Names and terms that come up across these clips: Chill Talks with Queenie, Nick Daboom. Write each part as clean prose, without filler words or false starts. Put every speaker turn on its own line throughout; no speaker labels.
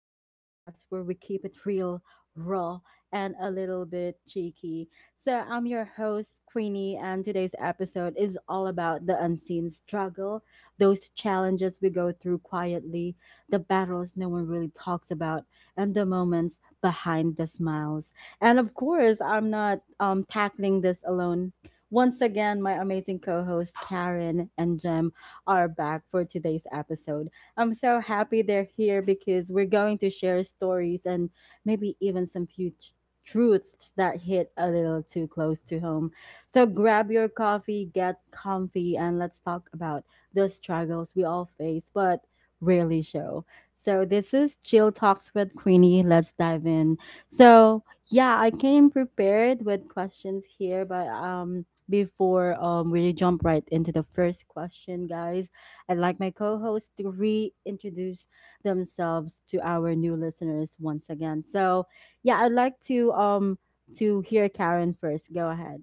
the podcast where we keep it real, raw, and a little bit cheeky. So, I'm your host, Queenie, and today's episode is all about the unseen struggle, those challenges we go through quietly, the battles no one really talks about, and the moments behind the smiles. And of course, I'm not tackling this alone. Once again, my amazing co host Karen and Jem are back for today's episode. I'm so happy they're here because we're going to share stories and maybe even some few truths that hit a little too close to home. So grab your coffee, get comfy, and let's talk about the struggles we all face but rarely show. So this is Chill Talks with Queenie. Let's dive in. So yeah, I came prepared with questions here, but before we jump right into the first question, guys, I'd like my co hosts to reintroduce themselves to our new listeners once again. So, yeah, I'd like to hear Karen first. Go ahead.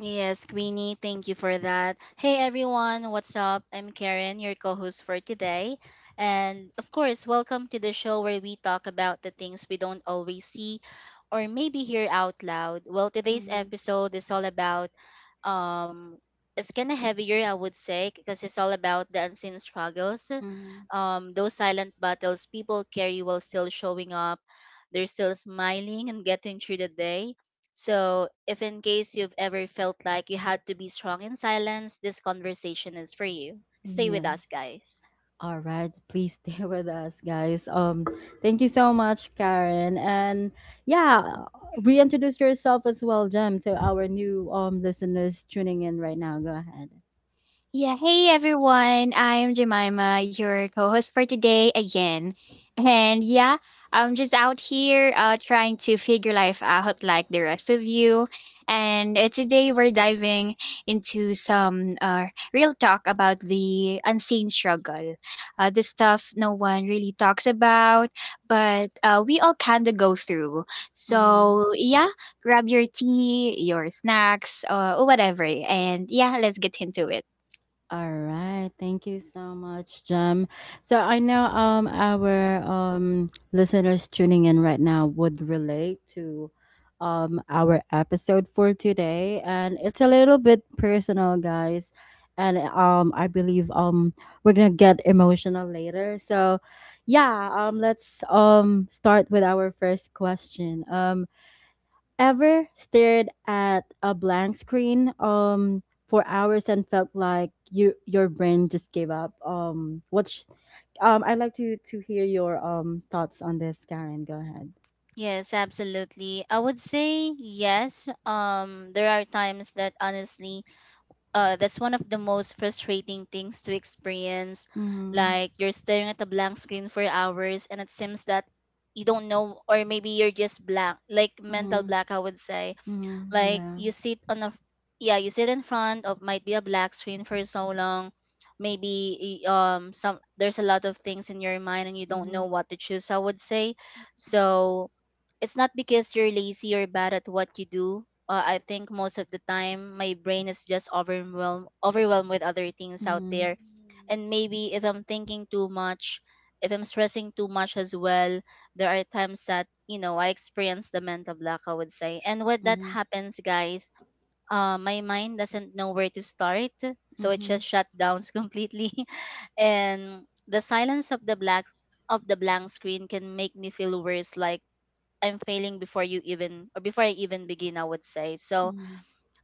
Yes, Queenie, thank you for that. Hey everyone, what's up? I'm Karen, your co host for today. And of course, welcome to the show where we talk about the things we don't always see or maybe hear out loud. Well, today's
Mm-hmm.
episode is all about um it's kind of heavier, I would say, because it's all about the unseen struggles,
Mm-hmm.
those silent battles people carry while still showing up. They're still smiling and getting through the day. So, if in case you've ever felt like you had to be strong in silence, this conversation is for you. Stay with us,
Yes.
guys.
All right. Please stay with us, guys. Thank you so much, Karen. And yeah, reintroduce yourself as well, Jem, to our new listeners tuning in right now. Go ahead.
Yeah, hey everyone. I'm Jemima, your co-host for today again. And yeah, I'm just out here trying to figure life out like the rest of you. And today we're diving into some real talk about the unseen struggle. The stuff no one really talks about, but we all kind of go through. So, yeah, grab your tea, your snacks, or whatever. And yeah, let's get into it.
All right. Thank you so much, Jem. So I know our listeners tuning in right now would relate to our episode for today, and it's a little bit personal, guys. And I believe we're going to get emotional later. So yeah, let's start with our first question. Ever stared at a blank screen for hours and felt like your brain just gave up? I'd like to hear your thoughts on this, Karen. Go ahead.
Yes, absolutely. I would say yes. There are times that honestly, that's one of the most frustrating things to experience.
Mm-hmm.
Like, you're staring at a blank screen for hours, and it seems that you don't know, or maybe you're just blank, like mental
Mm-hmm.
black, I would say.
Mm-hmm.
Like,
Yeah.
you sit on a yeah you sit in front of might be a black screen for so long. Maybe y- some there's a lot of things in your mind and you don't
Mm-hmm.
know what to choose, I would say. So it's not because you're lazy or bad at what you do. I think most of the time my brain is just overwhelmed with other things out
Mm-hmm.
there. And maybe if I'm thinking too much, if I'm stressing too much as well, there are times that, you know, I experience the mental block, I would say. And when that
Mm-hmm.
happens, guys, my mind doesn't know where to start, so it
Mm-hmm.
just shut down completely. And the silence of the black of the blank screen can make me feel worse, like I'm failing before you even, or before I even begin, I would say. So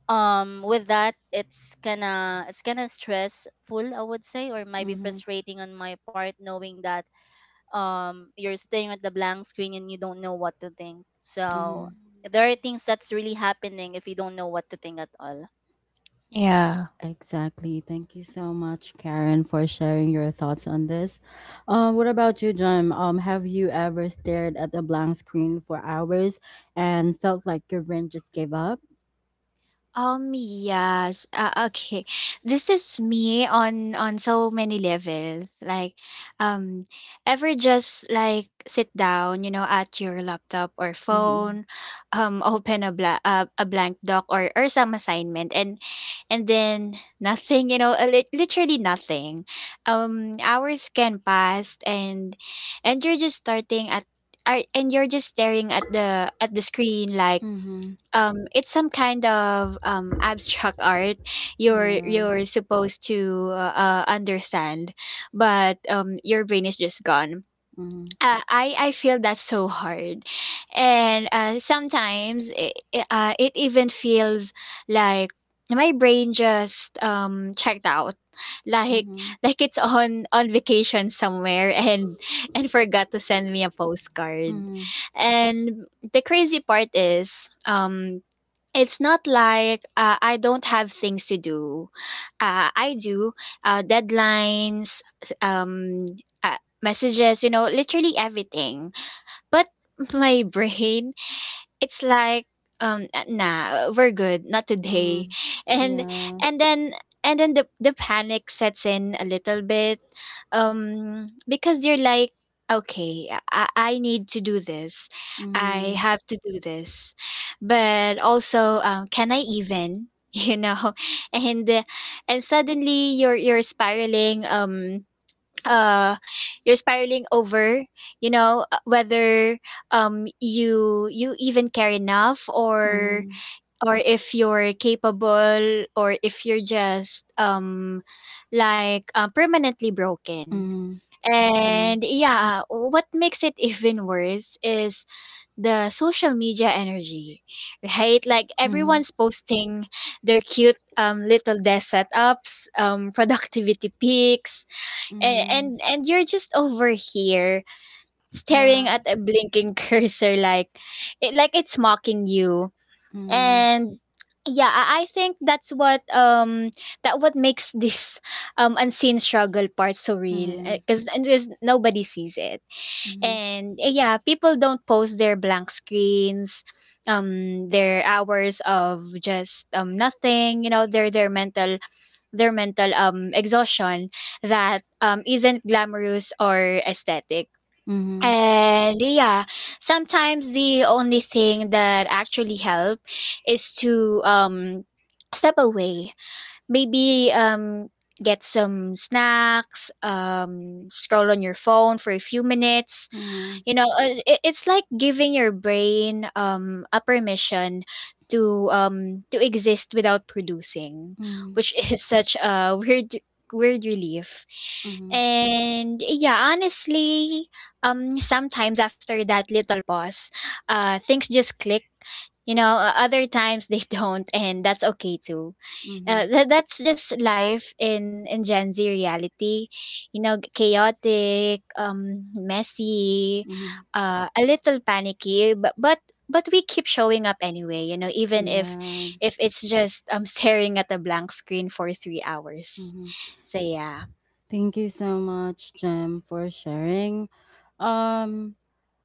with that, it's kinda stressful, I would say, or might be
Mm-hmm.
frustrating on my part, knowing that you're staying at the blank screen and you don't know what to think. So
Mm-hmm.
there are things that's really happening if you don't know what to think at all.
Yeah.
Exactly. Thank you so much, Karen, for sharing your thoughts on this. What about you, John? Have you ever stared at a blank screen for hours and felt like your brain just gave up?
Yes. Okay. This is me on so many levels. Like, um, ever just like sit down, you know, at your laptop or
Mm-hmm.
phone, open a blank doc or some assignment, and then nothing, you know, literally nothing. Hours can pass, and and you're just starting at you're just staring at the screen like
Mm-hmm.
it's some kind of abstract art you're
Yeah.
supposed to understand, but your brain is just gone.
Mm-hmm.
I feel that so hard, and sometimes it even feels like my brain just checked out, like
Mm-hmm.
like it's on vacation somewhere and forgot to send me a postcard,
Mm-hmm.
and the crazy part is, it's not like I don't have things to do. I do, deadlines, messages, you know, literally everything. But my brain, it's like, nah, we're good, not today.
Mm-hmm.
And
Yeah.
and then and then the panic sets in a little bit, because you're like, okay, I need to do this, I
Mm-hmm.
have to do this, but also, can I even? You know? And and suddenly you're spiraling, uh you're spiraling over, you know, whether you even care enough, or
Mm-hmm.
if you're capable, or if you're just permanently broken.
Mm-hmm. Yeah.
And yeah, what makes it even worse is the social media energy, right? Like,
Mm-hmm.
everyone's posting their cute, little desk setups, productivity pics, and
Mm-hmm.
you're just over here
Yeah.
staring at a blinking cursor like it's mocking you. And yeah, I think that's what makes this unseen struggle part so
Mm-hmm.
real,
Mm-hmm. Mm-hmm.
because just nobody sees it.
Mm-hmm.
And yeah, people don't post their blank screens, their hours of just nothing, you know, their mental exhaustion that isn't glamorous or aesthetic.
Mm-hmm.
And yeah, sometimes the only thing that actually help is to step away. Maybe get some snacks, scroll on your phone for a few minutes.
Mm-hmm.
You know, it's like giving your brain a permission to exist without producing,
Mm-hmm.
which is such a weird, relief. And yeah, honestly, sometimes after that little pause, things just click. You know, other times they don't, and that's okay too.
Mm-hmm.
That's just life in gen z reality, you know, chaotic, messy,
Mm-hmm.
a little panicky, but we keep showing up anyway, you know, even if
Yeah.
it's just staring at a blank screen for 3 hours.
Mhm.
So yeah.
Thank you so much, Jem, for sharing. Um,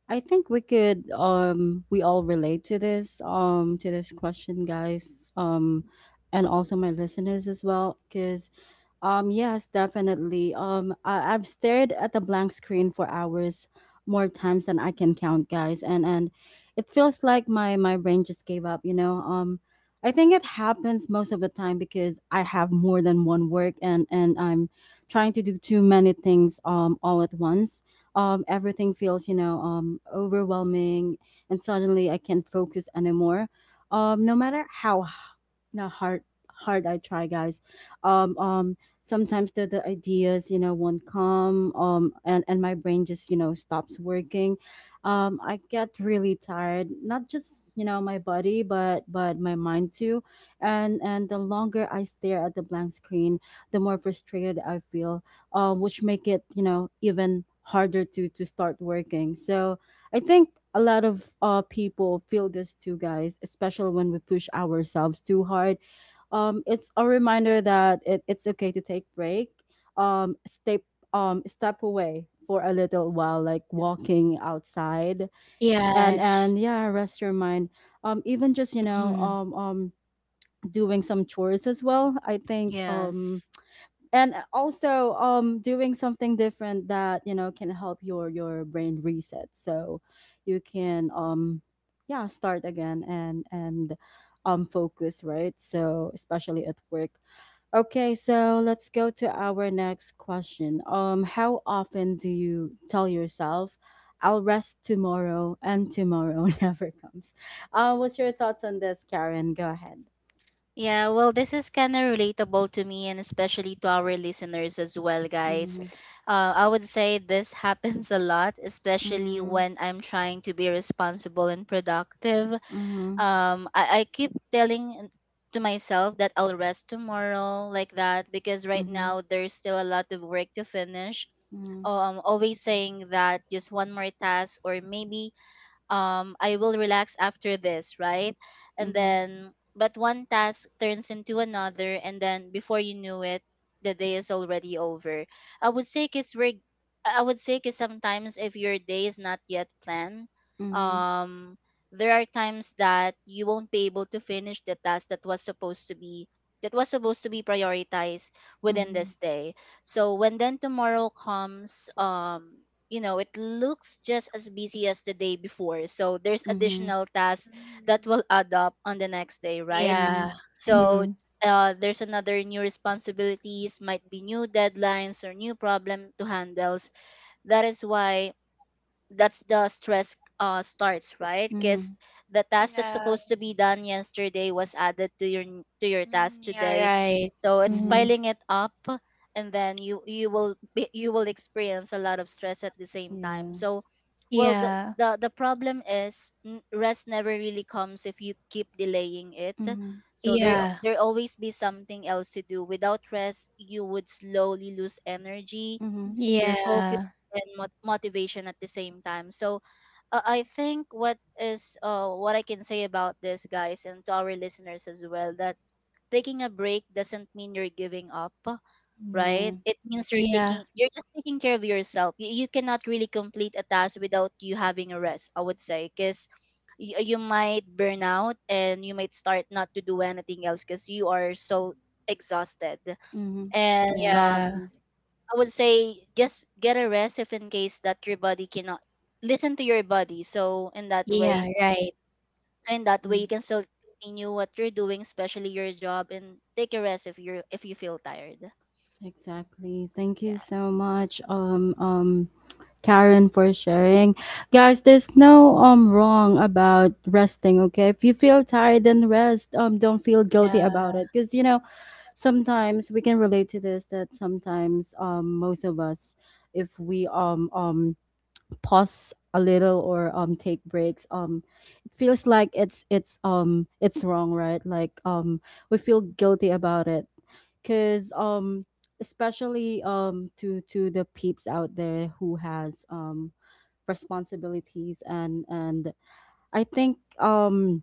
I think we all relate to this question, guys. And also my listeners as well, because yes, definitely. I've stared at a blank screen for hours, more times than I can count, guys, and it feels like my brain just gave up. You know, I think it happens most of the time because I have more than one work, and I'm trying to do too many things all at once. Everything feels overwhelming, and suddenly I can't focus anymore. No matter how you know hard hard I try, guys. Um, um Sometimes the ideas won't come, and my brain just stops working. I get really tired, not just my body but my mind too, and the longer I stare at the blank screen, the more frustrated I feel, which make it, even harder to start working. So I think a lot of people feel this too, guys, especially when we push ourselves too hard. It's a reminder that it's okay to take break, um, step step away for a little while, like
Yeah.
walking outside, and
Yes.
yeah, rest your mind. Even just
Hmm.
doing some chores as well, I think.
Yes.
And also, doing something different, that can help your brain reset, so you can, yeah, start again and focus right. So especially at work. Okay, so let's go to our next question. How often do you tell yourself, "I'll rest tomorrow," and tomorrow never comes? What's your thoughts on this, Karen? Go ahead.
Yeah, well, this is kind of relatable to me and especially to our listeners as well, guys.
Mm-hmm,
I would say this happens a lot, especially
mm-hmm,
when I'm trying to be responsible and productive.
mm-hmm,
I keep telling to myself that I'll rest tomorrow, like that, because right now there's still a lot of work to finish.
mm-hmm,
Always saying that just one more task, or maybe I will relax after this, right? And
mm-hmm,
then but one task turns into another, and then before you knew it, the day is already over. I would say cuz we're I would say cuz sometimes if your day is not yet planned, um there are times that you won't be able to finish the task that was supposed to be prioritized within
mm-hmm,
this day. So when then tomorrow comes, you know, it looks just as busy as the day before, so there's
mm-hmm, mm-hmm,
additional tasks
Mm-hmm. Hmm.
that will add up on the next day,
mm-hmm,
right?
mm-hmm,
Yeah.
So
Mhm.
there's another new responsibilities, might be new deadlines or new problem to handle. That is why that's the stress starts, right? Because
mm-hmm,
the task that's
Yeah.
supposed to be done yesterday was added to your
Hmm.
task
Yeah,
today,
right.
so it's
Mm-hmm.
piling it up. And then you will be, you will experience a lot of stress at the same time.
Yeah,
So well the
Yeah.
the problem is rest never really comes if you keep delaying it.
mm-hmm,
So there
Yeah.
there always be something else to do. Without rest, you would slowly lose energy,
mm-hmm,
your focus,
Yeah.
and motivation at the same time. So I think what is what I can say about this, guys, and to our listeners as well, that taking a break doesn't mean you're giving up,
yeah,
right? It means
Yeah.
you're just taking care of yourself. You cannot really complete a task without you having a rest, I would say, because you might burn out and you might start not to do anything else because you are so exhausted.
mm-hmm,
and
yeah,
Yeah.
um
exactly.
I would say just get a rest if in case that your body cannot Listen to your body. So in that way,
Yeah. Right.
so in that way, you
Mm.
can still continue what you're doing, especially your job, and take a rest if you're if you feel tired.
Exactly. Thank
Yeah.
you so much. Karen, for sharing. Guys, there's no wrong about resting, okay? If you feel tired, then rest. Don't feel guilty about
Yeah.
it, because you know, sometimes we can relate to this, that sometimes most of us, if we pause a little or take breaks, it feels like it's wrong, right? Like, we feel guilty about it, cuz especially to the peeps out there who has responsibilities, and I think,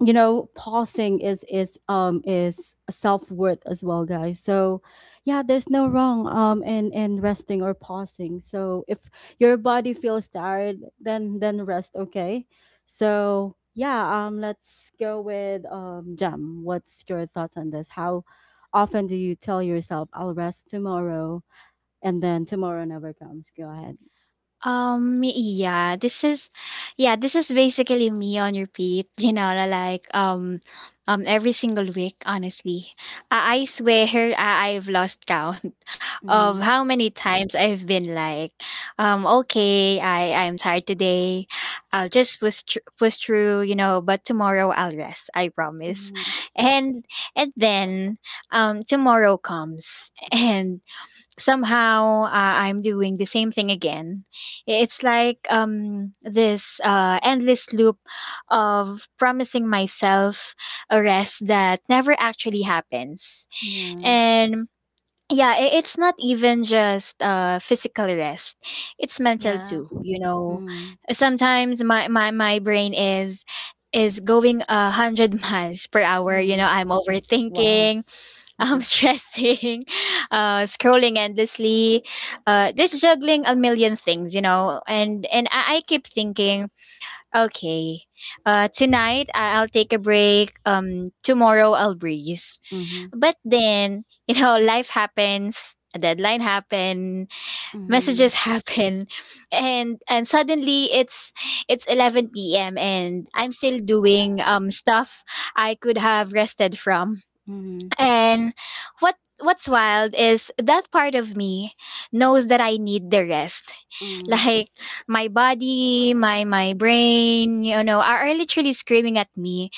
you know, pausing is is self-worth as well, guys. So yeah, there's no wrong in resting or pausing, so if your body feels tired, then rest, okay. So yeah, let's go with jam. What's your thoughts on this? How often do you tell yourself, "I'll rest tomorrow," and then tomorrow never comes? Go ahead.
Yeah, yeah, this is basically me on repeat, you know, every single week, honestly. I swear, I've lost count of
Mm-hmm.
how many times I've been like, okay, I'm tired today. I'll just push through, you know, but tomorrow I'll rest, I promise.
Mhm.
And, and then, tomorrow comes, somehow I'm doing the same thing again. It's like this endless loop of promising myself a rest that never actually happens.
Yeah.
And yeah, it's not even just physical rest, it's mental
Yeah.
too. You know,
Mm.
sometimes my brain is going a hundred miles per hour. You know,
Mm.
I'm
Wow.
overthinking, I'm stressing, scrolling endlessly, just juggling a million things, you know. And I keep thinking, okay, tonight I'll take a break. Tomorrow I'll breathe.
Mhm.
But then you know, life happens. A deadline happen,
Mhm.
messages happen, and suddenly it's 11 p.m. and I'm still doing stuff I could have rested from.
Mhm.
And what's wild is that part of me knows that I need the rest.
Mhm.
Like, my body, my brain, you know, are literally screaming at me.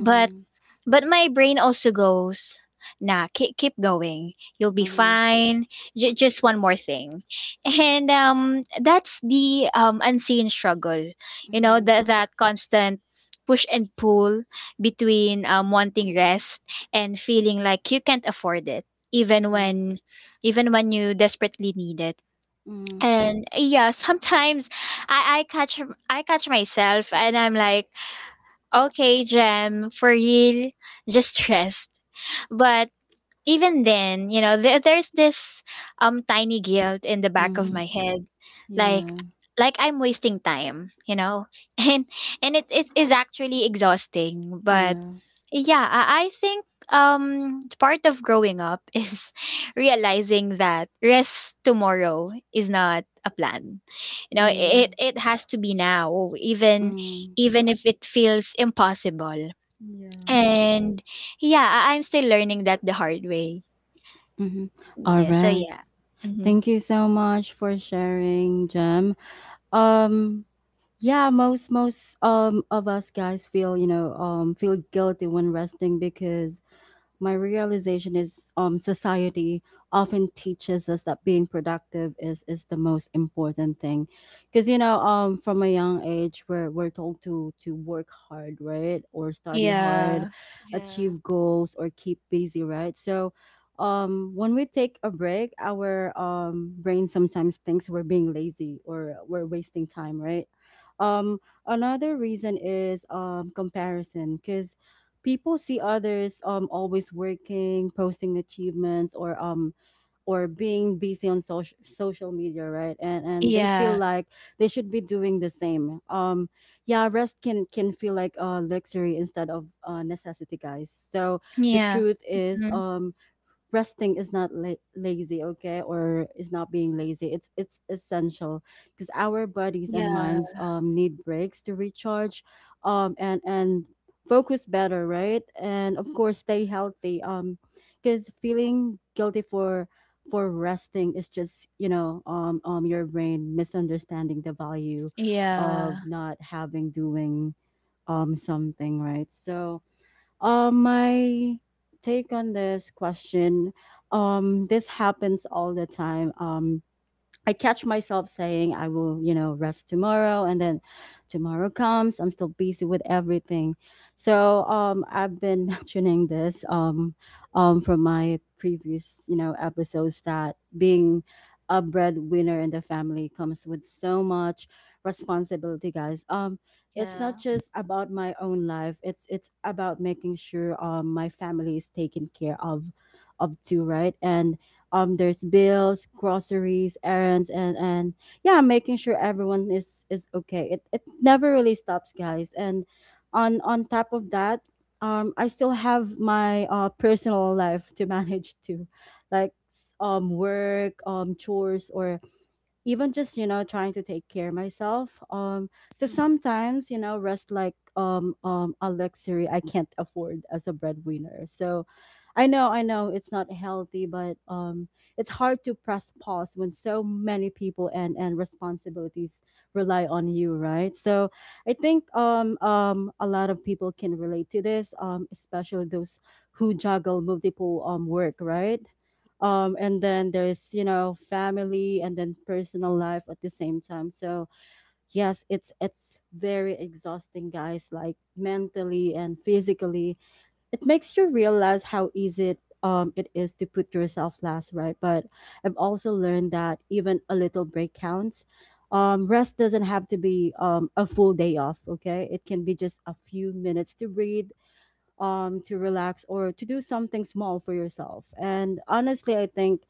But my brain also goes, nah, keep going. You'll be
Mhm.
fine. Just one more thing. And that's the unseen struggle. You know,
Mhm.
that constant push and pull between wanting rest and feeling like you can't afford it,
Mhm.
even
Mhm.
when you desperately need it.
Mhm.
And yeah, sometimes I, I catch I catch myself and I'm like, okay, Jem, for real, just rest. But even then, you know, there's this tiny guilt in the back of
Mhm.
my
Mhm.
head, like
Yeah.
I'm wasting time, you know, and and it is actually exhausting. But
Yeah.
yeah, I think part of growing up is realizing that rest tomorrow is not a plan. You know,
Mm.
it has to be now, even
Mm.
if it feels impossible.
Yeah.
And yeah, I'm still learning that the hard way.
Mhm.
Mm,
All
yeah, so
right.
yeah. Mhm.
Thank you so much for sharing, Jem. Um yeah, most of us, guys, feel, you know, feel guilty when resting, because my realization is, society often teaches us that being productive is the most important thing, because you know, from a young age, we're told to work hard, right, or study hard,
Yeah.
Yeah.
achieve goals or keep busy, right. So when we take a break, our brain sometimes thinks we're being lazy or we're wasting time, right. um Another reason is comparison, because people see others always working, posting achievements, or being busy on social media, right, and they feel
Yeah.
like they should be doing the same. Yeah, rest can feel like a luxury instead of necessity, guys. So the
Yeah.
truth is,
Mhm.
resting is not lazy, okay, or is not being lazy. It's essential, because our bodies and
Yeah.
minds need breaks to recharge, and focus better, right, and of course stay healthy. Because feeling guilty for resting is just, you know, your brain misunderstanding the value of
Yeah.
not having doing something, right. So, my take on this question, this happens all the time. I catch myself saying I will, you know, rest tomorrow, and then tomorrow comes, I'm still busy with everything. So, I've been mentioning this from my previous, you know, episodes, that being a breadwinner in the family comes with so much responsibility, guys. It's
Yeah.
not just about my own life. It's about making sure my family is taken care of too, right? And there's bills, groceries, errands, and yeah, making sure everyone is okay. It never really stops, guys, and on top of that, I still have my personal life to manage too, like work, chores, or even just, you know, trying to take care of myself. So
Mhm.
sometimes, you know, rest like a luxury I can't afford as a breadwinner. So I know, it's not healthy, but it's hard to press pause when so many people and responsibilities rely on you, right. So I think, a lot of people can relate to this, especially those who juggle multiple work, right, and then there's, you know, family, and then personal life at the same time. So yes, it's very exhausting, guys, like mentally and physically. It makes you realize how easy it is to put yourself last, right. But I've also learned that even a little break counts. Rest doesn't have to be a full day off, okay. It can be just a few minutes to breathe, to relax, or to do something small for yourself. And honestly, I think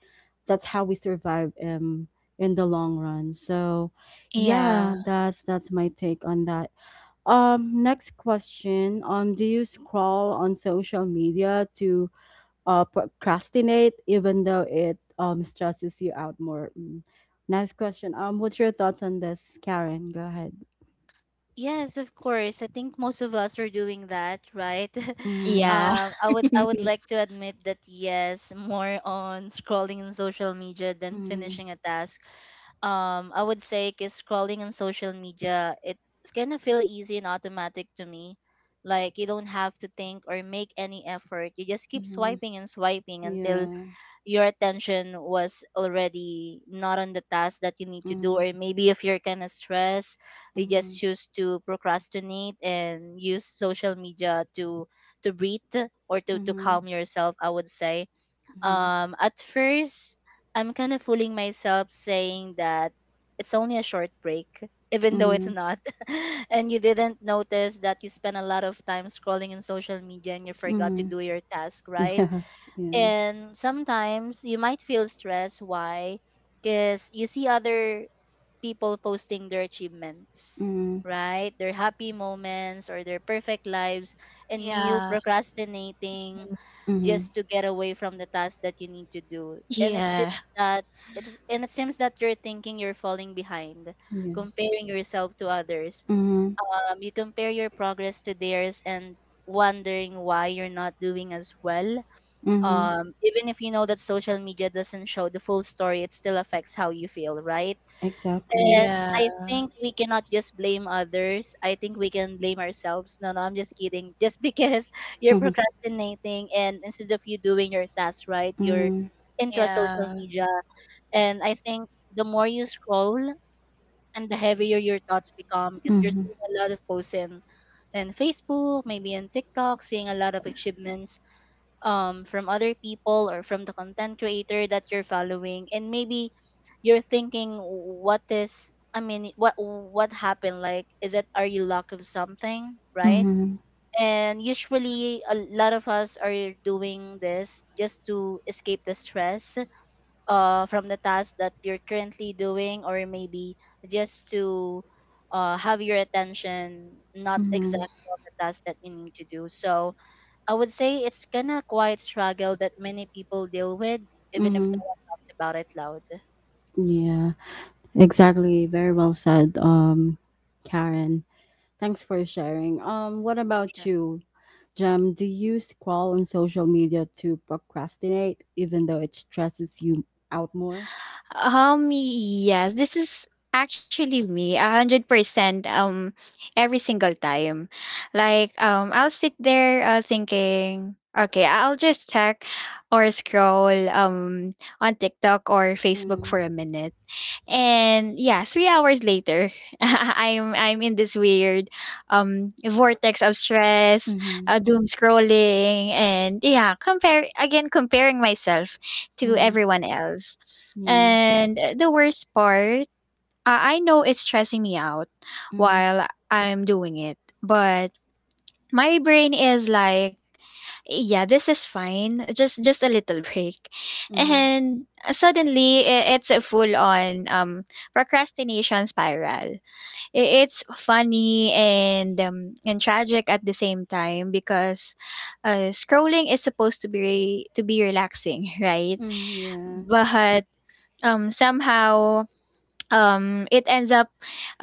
that's how we survive, in the long run. So,
Yeah.
yeah, that's my take on that. Next question. Do you scroll on social media to, procrastinate even though it, stresses you out more? Mm. Next question. What's your thoughts on this, Karen? Go ahead.
Yes, of course. I think most of us are doing that, right?
Mm-hmm.
Yeah.
I would, I would like to admit that yes, more on scrolling in social media than
Mm-hmm.
finishing a task. I would say, is scrolling on social media, it's gonna feel easy and automatic to me. Like, you don't have to think or make any effort, you just keep
Mm-hmm.
swiping and swiping until
Yeah.
your attention was already not on the task that you need to do.
Mm-hmm.
Or maybe if you're kind of stressed, you
Mm-hmm.
just choose to procrastinate and use social media to breathe or to
Mm-hmm.
calm yourself, I would say.
Mhm.
At first, I'm kind of fooling myself saying that it's only a short break, even though it's
Mhm.
not. And you didn't notice that you spent a lot of time scrolling in social media and you forgot to
Mhm.
do your task, right?
Yeah. Yeah.
And sometimes you might feel stressed. Why? Because you see other people posting their achievements,
Mhm.
right? Their happy moments or their perfect lives, and you
Yeah.
procrastinating
Mhm.
just to get away from the task that you need to do. And it seems
Yeah.
that it is, and it seems that you're thinking you're falling behind,
Yes.
comparing yourself to others.
Mhm.
You compare your progress to theirs and wondering why you're not doing as well.
Mhm.
Even if you know that social media doesn't show the full story, it still affects how you feel, right? And
Exactly.
Yeah.
I think we cannot just blame others. I think we can blame ourselves. No, no, I'm just kidding. Just because you're
Mhm.
procrastinating, and instead of you doing your task right, you're
Mhm.
into a social
Yeah.
media. And I think the more you scroll and the heavier your thoughts become, because you're
Mhm.
seeing a lot of posts in Facebook, maybe in TikTok, seeing a lot of achievements from other people or from the content creator that you're following. And maybe you're thinking, what happened, like, is it, are you lack of something, right?
Mhm.
And usually a lot of us are doing this just to escape the stress from the task that you're currently doing. Or maybe just to have your attention not
Mhm.
exactly on the task that you need to do. So I would say it's kind of quiet struggle that many people deal with, even if no
Mhm.
one talks about it loud.
Yeah. Exactly. Very well said, Karen. Thanks for sharing. What about
Sure.
you, Jem? Do you scroll on social media to procrastinate, even though it stresses you out more?
Yes, this is actually me, 100%. Every single time, like, I'll sit there, thinking, okay, I'll just check or scroll on TikTok or Facebook for
Mm.
a minute, and yeah, 3 hours later, I'm in this weird vortex of stress,
Mhm.
doom scrolling, and yeah, compare again comparing myself to
Mhm.
everyone else.
Yeah.
And the worst part, I know it's stressing me out
Mhm.
while I'm doing it, but my brain is like, yeah, this is fine. Just a little break.
Mhm.
And suddenly it's a full on procrastination spiral. It's funny and, and tragic at the same time, because scrolling is supposed to be relaxing, right?
Mm, yeah.
But somehow, it ends up,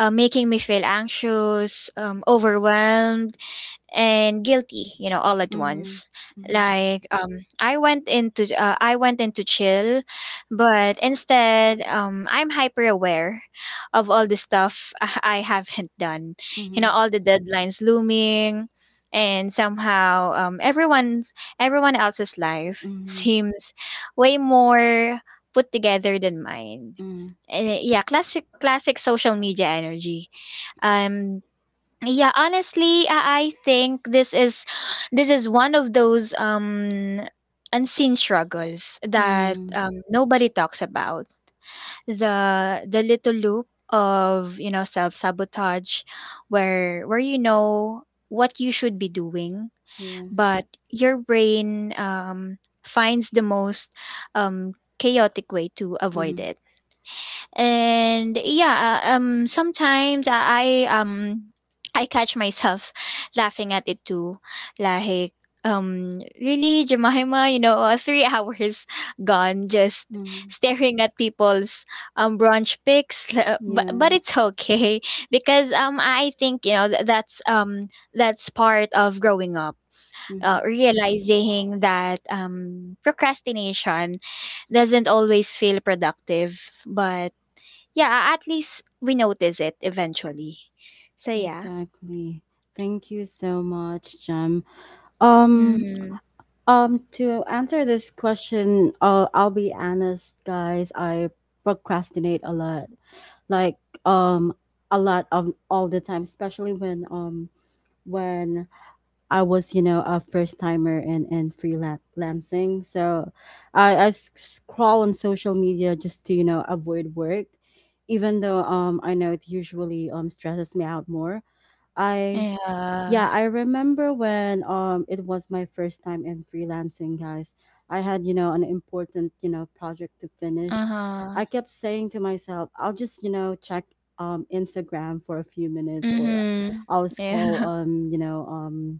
making me feel anxious, overwhelmed, and guilty, you know, all at
Mhm.
once,
Mhm.
like I went into chill, but instead I'm hyper aware of all the stuff I haven't done, you know,
Mhm.
all the deadlines looming, and somehow everyone else's life
Mhm.
seems way more put together than mine.
Mhm.
Yeah, classic, social media energy. um yeah, honestly, I think this is one of those unseen struggles that,
Mhm.
nobody talks about, the little loop of, you know, self sabotage, where you know what you should be doing,
Yeah.
but your brain finds the most um chaotic way to avoid
Mhm.
it. And yeah, sometimes I catch myself laughing at it too, like, really, Jemima, you know? 3 hours gone, just
Mhm.
staring at people's brunch pics. But,
Yeah.
it's okay, because I think, you know, that's part of growing up,
Mhm.
realizing that procrastination doesn't always feel productive, but yeah, at least we notice it eventually. So, yeah.
Exactly. Thank you so much, Jem. Um,
Mm.
to answer this question, I'll be honest, guys. I procrastinate a lot, like um, a lot of all the time, especially when I was, you know, a first timer and freelancing. So I scroll on social media just to, you know, avoid work, even though I know it usually stresses me out more. I yeah,
Yeah.
I remember when it was my first time in freelancing, guys. I had, you know, an important, you know, project to finish.
Uh-huh.
I kept saying to myself, I'll just, you know, check Instagram for a few minutes or
Mhm.
I'll scroll
Yeah.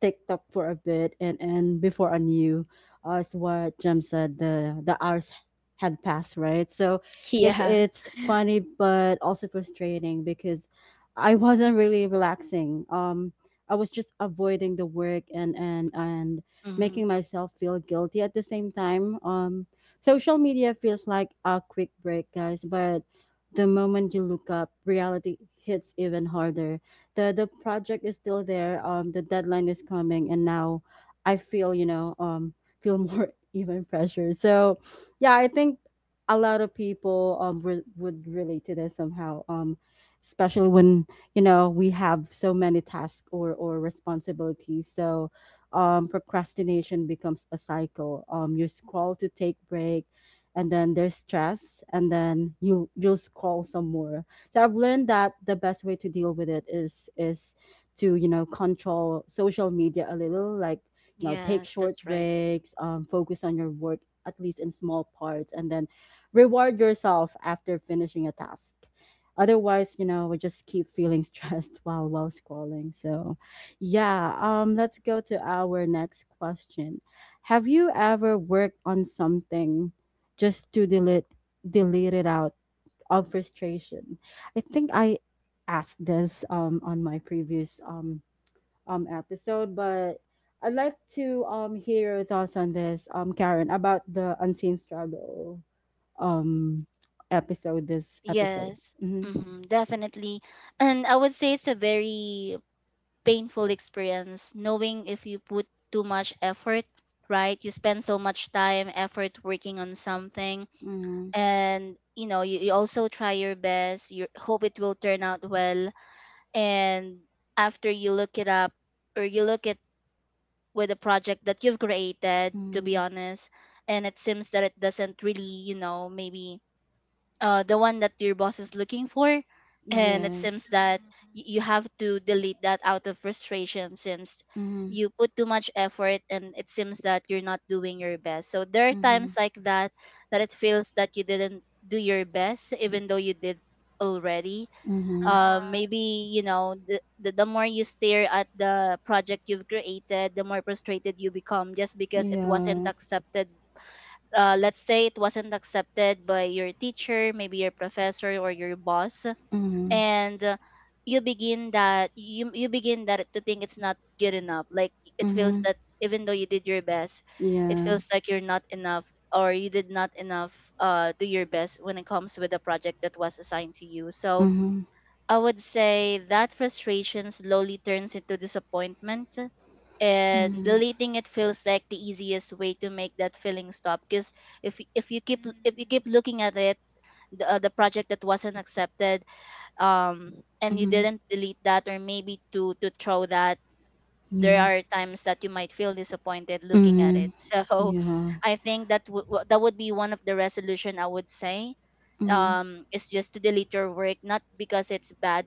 TikTok for a bit, and before I knew, as what Jem said, the hours had passed, right? So it's
Yeah.
it's funny but also frustrating because I wasn't really relaxing. I was just avoiding the work and
Mm-hmm.
making myself feel guilty at the same time. Social media feels like a quick break, guys, but the moment you look up, reality hits even harder. The project is still there. The deadline is coming, and now I feel feel more even pressure. So, yeah, I think a lot of people would relate to this somehow. Especially when you know we have so many tasks or responsibilities. So, procrastination becomes a cycle. You scroll to take break, and then there's stress, and then you'll scroll some more. So I've learned that the best way to deal with it is to you know control social media a little, like you know take
Yes,
short
that's right.
breaks, focus on your work at least in small parts, and then reward yourself after finishing a task. Otherwise, you know, we just keep feeling stressed while scrolling. So, yeah, let's go to our next question. Have you ever worked on something just to delete it out of frustration? I think I asked this on my previous episode, but I'd like to hear your thoughts on this, Karen, about the unseen struggle um, episode. This episode.
Yes,
Mm-hmm.
hmm, definitely. And I would say it's a very painful experience, knowing if you put too much effort, right? You spend so much time, effort working on something,
Mm-hmm.
and you know, you also try your best, you hope it will turn out well, and after you look it up, or you look with a project that you've created, to be
Mm-hmm.
honest, and it seems that it doesn't really, you know, maybe the one that your boss is looking for. And it seems
Yes.
that you have to delete that out of frustration since
Mm-hmm.
you put too much effort and it seems that you're not doing your best. So there are
Mm-hmm.
times like that, that it feels that you didn't do your best even though you did already.
Mm-hmm.
Uh,
Maybe, you know, the more you stare at the project you've created, the more frustrated you become, just because it wasn't
Yeah.
accepted. Let's say it wasn't accepted by your teacher, maybe your professor or your boss.
Mm-hmm.
And you you begin that to think it's not good enough. Like, it feels
Mm-hmm.
that even though you did your best, it
Yeah.
feels like you're not enough, or you did not enough, do your best when it comes with the project that was assigned to you. So
Mm-hmm.
I would say that frustration slowly turns into disappointment, and
Mm-hmm.
deleting it feels like the easiest way to make that feeling stop. Because if you keep
mm.
looking at it, the project that wasn't accepted, um and you
Mm-hmm.
didn't delete that, or maybe to throw that, there
Yeah.
are times that you might feel disappointed looking at
Mm-hmm.
it. So
Yeah.
I think that that would be one of the resolution, I would say,
Mm-hmm.
is just to delete your work, not because it's bad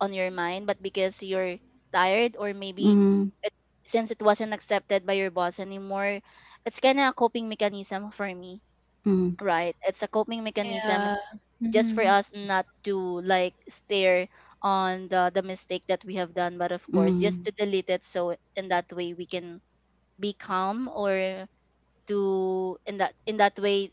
on your mind, but because you're tired. Or maybe
Mm-hmm.
it, since it wasn't accepted by your boss anymore, it's kind of A coping mechanism for me.
Mm,
Right, it's a coping mechanism
Yeah.
just for
Mhm.
us not to like stare on the mistake that we have done, but of course just
mm,
to delete it so in that way we can be calm or to in that way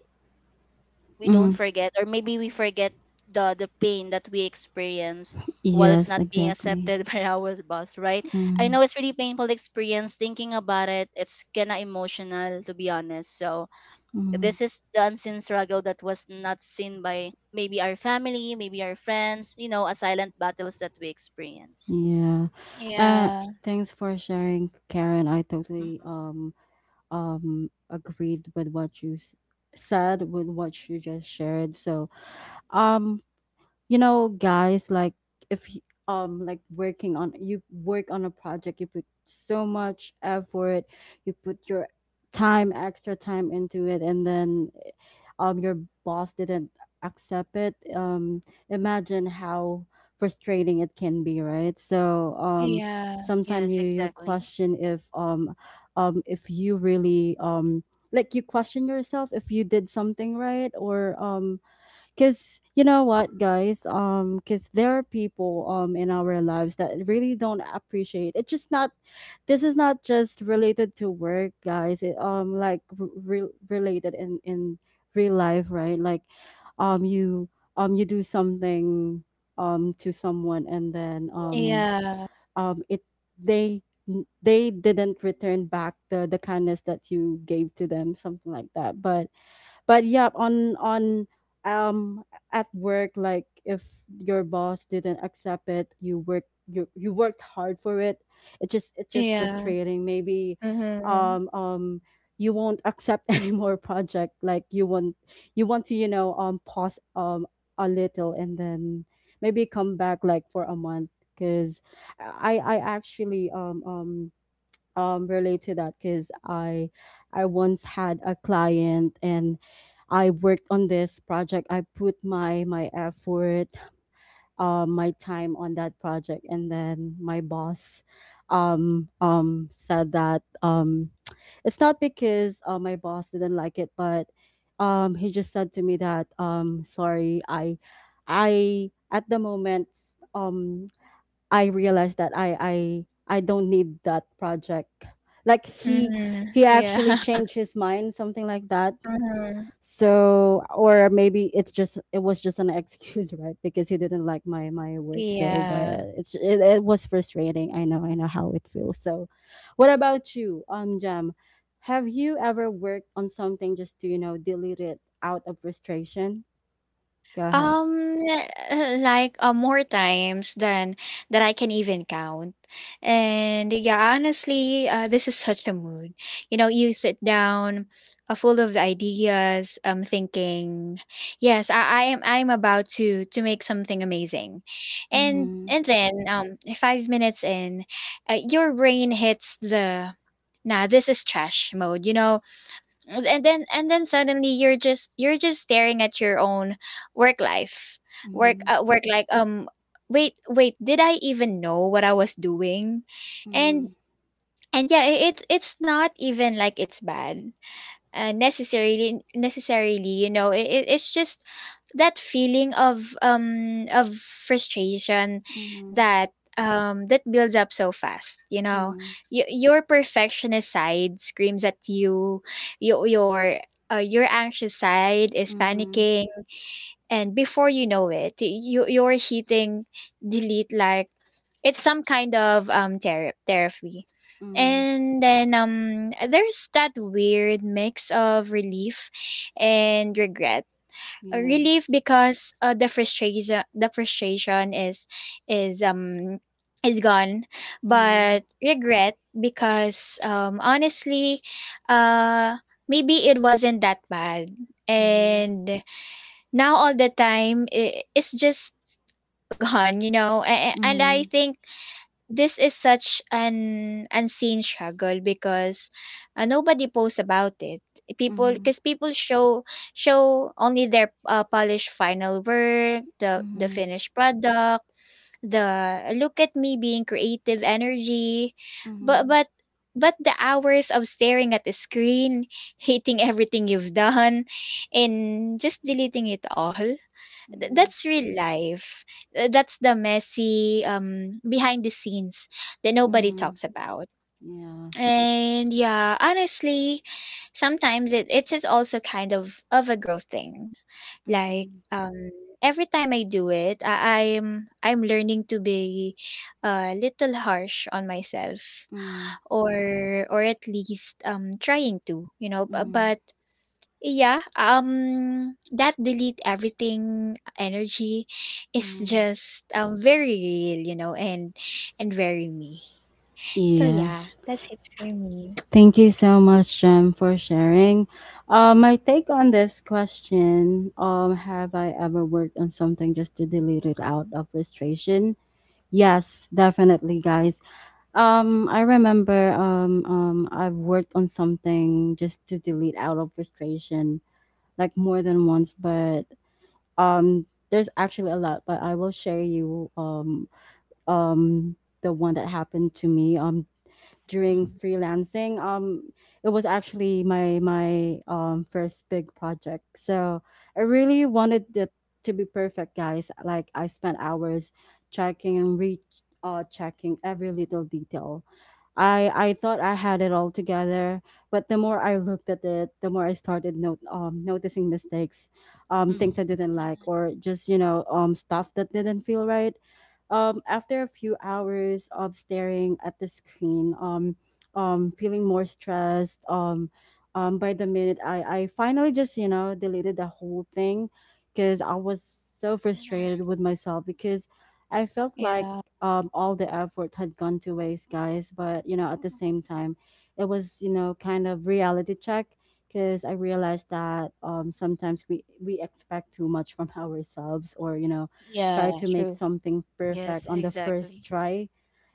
we don't
mm.
forget, or maybe we
Mhm.
forget the pain that we experience while it's
Yes,
not being
exactly.
accepted by our boss, right? I
Mm,
know it's really painful experience thinking about it, it's kinda emotional to be honest. So
mm.
this is the unseen struggle that was not seen by maybe our family, maybe our friends, a silent battles that we experience.
Yeah. Uh,
Yeah.
Thanks for sharing, Karen. I totally
Mhm.
agreed with what said, with what you just shared. So um you know guys like if you- like working on you work on a project, you put so much effort, you put your time extra time into it, and then your boss didn't accept it. Um, imagine how frustrating it can be, right? So
Yeah.
sometimes
Yes,
you
exactly.
question if you really you question yourself if you did something right or um. Cause you know what, guys? Cause there are people in our lives that really don't appreciate. It's just not. This is not just related to work, guys. It like related in real life, right? Like, you you do something to someone, and then
Yeah.
it they they didn't return back the kindness that you gave to them, something like that. But yeah on um at work, like if your boss didn't accept it, you worked, you worked hard for it. It just, it's just
Yeah.
frustrating. Maybe
Mhm.
um um you won't accept any more project, like you want, you want to you know pause a little and then maybe come back like for a month, because I actually relate to that because I once had a client and I worked on this project. I put my my effort, my time on that project, and then my boss said that it's not because my boss didn't like it, but he just said to me that sorry I at the moment um I realized that I don't need that project. Like he
Mhm.
actually
Yeah.
changed his mind, something like that.
Mhm.
So or maybe it's just it was just an excuse, right? Because he didn't like my work. So but
Yeah.
it was frustrating. I know how it feels. So what about you, Jam? Have you ever worked on something just to you know delete it out of frustration? Go ahead.
Um, like, more times than that I can even count. And yeah, honestly, this is such a mood. You know, you sit down, full of ideas, thinking, yes, I am. I am about to make something amazing, and
Mm-hmm.
then, 5 minutes in, your brain hits the nah, this is trash mode. You know, and then suddenly you're just staring at your own work life work
Mm-hmm.
work like wait, did I even know what I was doing?
Mm-hmm.
And and yeah, it's not even like it's bad necessarily, you know, it's just that feeling of frustration
Mm-hmm.
that that builds up so fast, you know. Your perfectionist side screams at you, your your your anxious side is
Mm-hmm.
panicking, and before you know it you're hitting delete like it's some kind of therapy.
Mm,
And then there's that weird mix of relief and regret.
yeah.
Relief because the frustration is um is gone,
Mm,
but regret because honestly, uh maybe it wasn't that bad.
yeah.
And now, all the time, it's just gone, you know. And I
Mm,
think this is such an unseen struggle because nobody posts about it.
mm,
People show only their polished final work, the
mm,
finished product, the look at me being creative energy. but
mm,
but but the hours of staring at the screen hating everything you've done and just deleting it all.
mm,
That's real life. That's the messy behind the scenes that nobody
mm,
talks about.
yeah.
And yeah, honestly, sometimes it is also kind of a growth thing. Like,
Mm,
every time I do it, I'm learning to be a little harsh on myself,
mm,
or at least trying to, you know,
mm,
but yeah, that delete everything energy is
mm,
just very real, you know, and very me. So
yeah.
yeah, that's it for me.
Thank you so much, Jem, for sharing. My take on this question, have I ever worked on something just to delete it out of frustration? Yes, definitely, guys. I remember I've worked on something just to delete out of frustration like more than once, but there's actually a lot, but I will share you um the one that happened to me during
Mhm.
freelancing. It was actually my my first big project. So I really wanted it to be perfect, guys. Like I spent hours checking and re checking every little detail. I thought I had it all together, but the more I looked at it, the more I started note noticing mistakes, things I
Mhm.
didn't like, or just you know stuff that didn't feel right. After a few hours of staring at the screen, feeling more stressed, by the minute, I finally just, you know, deleted the whole thing because I was so
Mm-hmm.
frustrated with myself because I felt like
Yeah.
all the effort had gone to waste, guys. But, you know, at the same time, it was, you know, kind of reality check because I realized that sometimes we expect too much from ourselves, or you know,
Yeah.
try to make
True.
something
Yes,
perfect on the
exactly.
first try.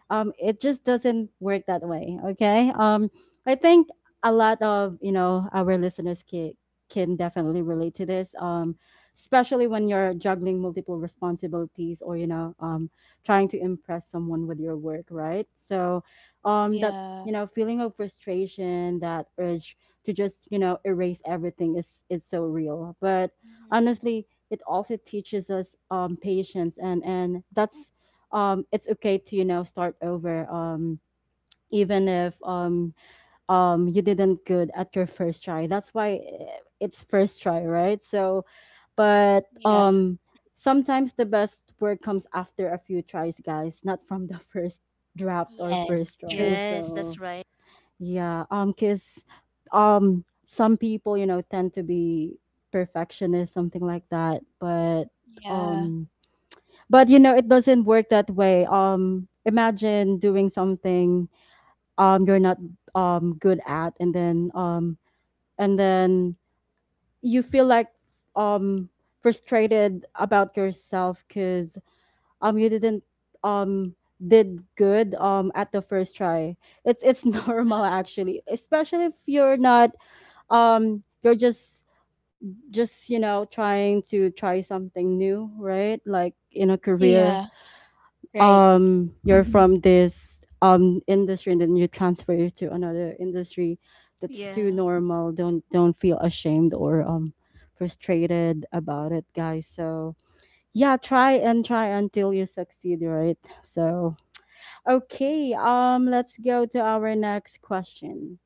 Um, it just doesn't work that way. Okay. I think a lot of you know our listeners can definitely relate to this. Especially when you're juggling multiple responsibilities or you know trying to impress someone with your work, right? So that
Yeah.
you know feeling of frustration, that urge to just you know erase everything is so real. But
Mm-hmm.
honestly, it also teaches us patience and that's it's okay to you know start over even if you didn't good at your first try. That's why eh, it's first try, right? So but
Yeah.
sometimes the best work comes after a few tries, guys, not from the first draft or
Yes,
first try.
true.
Yes, that's
So
right.
yeah cuz some people you know tend to be perfectionist something like that
Yeah.
um but you know it doesn't work that way. Um imagine doing something you're not good at and then and then you feel like um frustrated about yourself because you didn't um did good at the first try. It's normal
Uh-huh.
actually, especially if you're not you're just you know trying to try something new, right? Like in a career
Yeah. Right.
you're
Mhm.
from this industry and then you transfer to another industry. That's too
Yeah.
normal. Don't feel ashamed or frustrated about it, guys. So yeah, try and try until you succeed, right? So okay let's go to our next question.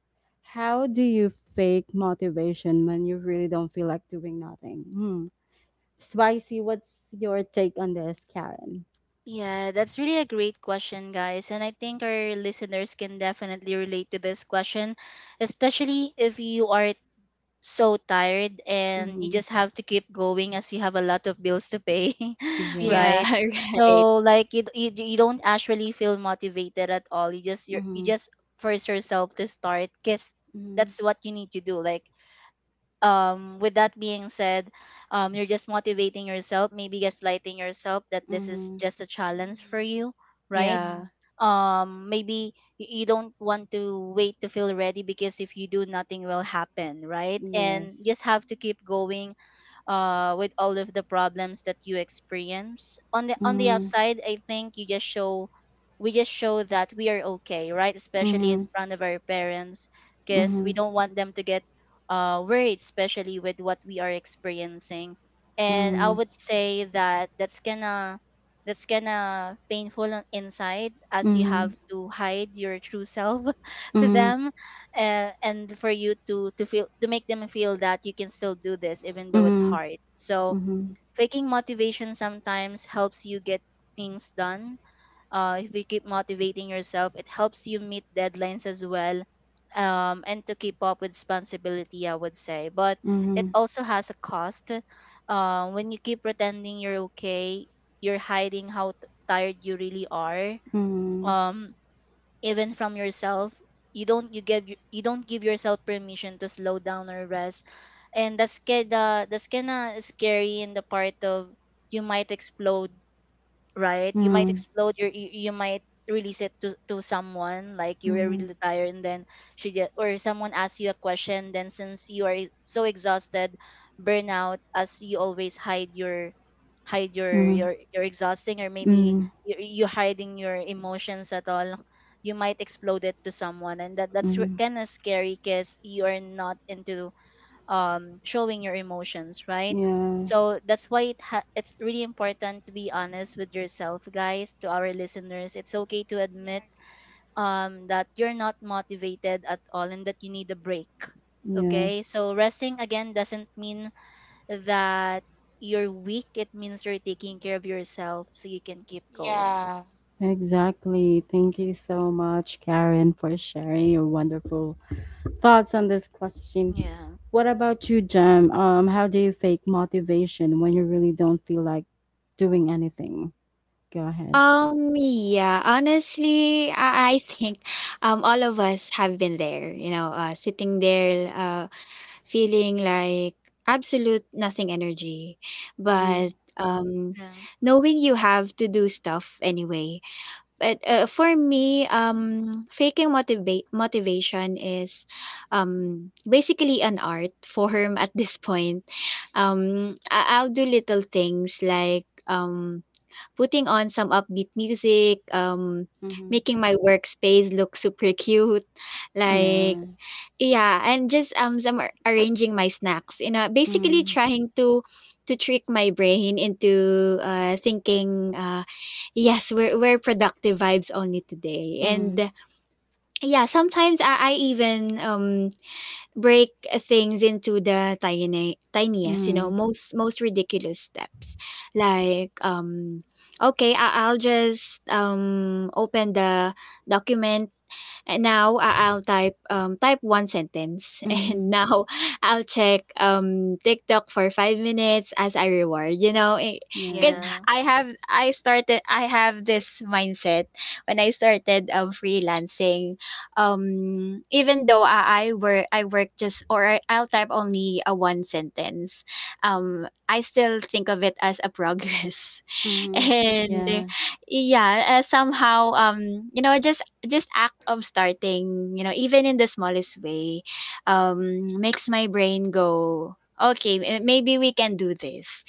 How do you fake motivation when you really don't feel like doing nothing? Hmm. Spicy. What's your take on this, Karen?
Yeah, that's really a great question, guys. And I think our listeners can definitely relate to this question, especially if you are so tired and you
Mm-hmm.
just have to keep going as you have a lot of bills to pay,
Yeah,
right?
Yes.
right.
So like you, you don't actually feel motivated at all. You just you're, you
Mhm.
just force yourself to start because
Mhm.
that's what you need to do. Like, with that being said, you're just motivating yourself, maybe gaslighting yourself that this is
Mhm.
just a challenge for
Mm-hmm.
you, right?
Yeah.
Mhm.
Maybe you don't want to wait to feel ready, because if you do, nothing will happen, right? And just
Yes.
have to keep going with all of the problems that you experience on the
Mhm.
outside. I think you just show, we just show that we are okay, right? Especially in
Mhm.
front of our parents, because we don't want them to get worried, especially with what we are experiencing. And I
Mhm.
would say that that's gonna painful on inside as you have
Mhm.
to hide your true self to
Mhm.
them, and for you to feel to make them feel that you can still do this even though it's
Mhm.
hard. So
Mhm.
faking motivation sometimes helps you get things done. If you keep motivating yourself, it helps you meet deadlines as well, and to keep up with responsibility, I would say. But it
Mhm.
also has a cost. When you keep pretending you're okay, you're hiding how tired you really are,
Mhm. Mhm.
um, even from yourself. You don't you give you don't give yourself permission to slow down or rest, and that's kinda scary in the part of you might explode. Right? You might
Mhm.
explode your, you might release it to someone. Like, you were really tired, and then she did, or someone asks you a question, then since you are so exhausted, burnout, as you always hide your
Mhm. Mhm.
your you're exhausting, or maybe
Mhm.
you, you hiding your emotions at all, you might explode it to someone, and that, that's
Mhm.
kind of scary because you are not into, showing your emotions, right?
Yeah.
So that's why it's really important to be honest with yourself, guys. To our listeners, it's okay to
Yeah.
admit, that you're not motivated at all and that you need a break.
Yeah.
Okay, so resting again doesn't mean that you're weak. It means you're taking care of yourself so you can keep going.
Yeah.
Exactly. Thank you so much, Karen, for sharing your wonderful thoughts on this question.
Yeah,
What about you, Jem? How do you fake motivation when you really don't feel like doing anything? Go ahead.
Yeah, honestly, I think all of us have been there, you know, sitting there feeling like absolute nothing energy,
Mhm,
but
yeah,
knowing you have to do stuff anyway. But for me, faking motivate motivation is basically an art form at this point. I'll do little things like putting on some upbeat music,
mhm.
making my workspace look super cute,
mm-hmm.
like,
Yeah.
yeah, and just arranging my snacks. You know, basically
Mm,
trying to trick my brain into thinking, yes, we're productive vibes only today.
mm,
And yeah, sometimes I even break things into the tiny tiniest, you know,
mm,
most ridiculous steps, like, okay, I'll just open the document, and now I'll type one sentence, and
mm.
now I'll check TikTok for 5 minutes as a reward. You know, because
Yeah.
Yeah,
I have this mindset when I started freelancing. Even though I work just, or I'll type only a one sentence. I still think of it as a progress.
Mm,
And
yeah.
yeah, somehow, you know, just act of starting, you know, even in the smallest way makes my brain go, okay, maybe we can do this.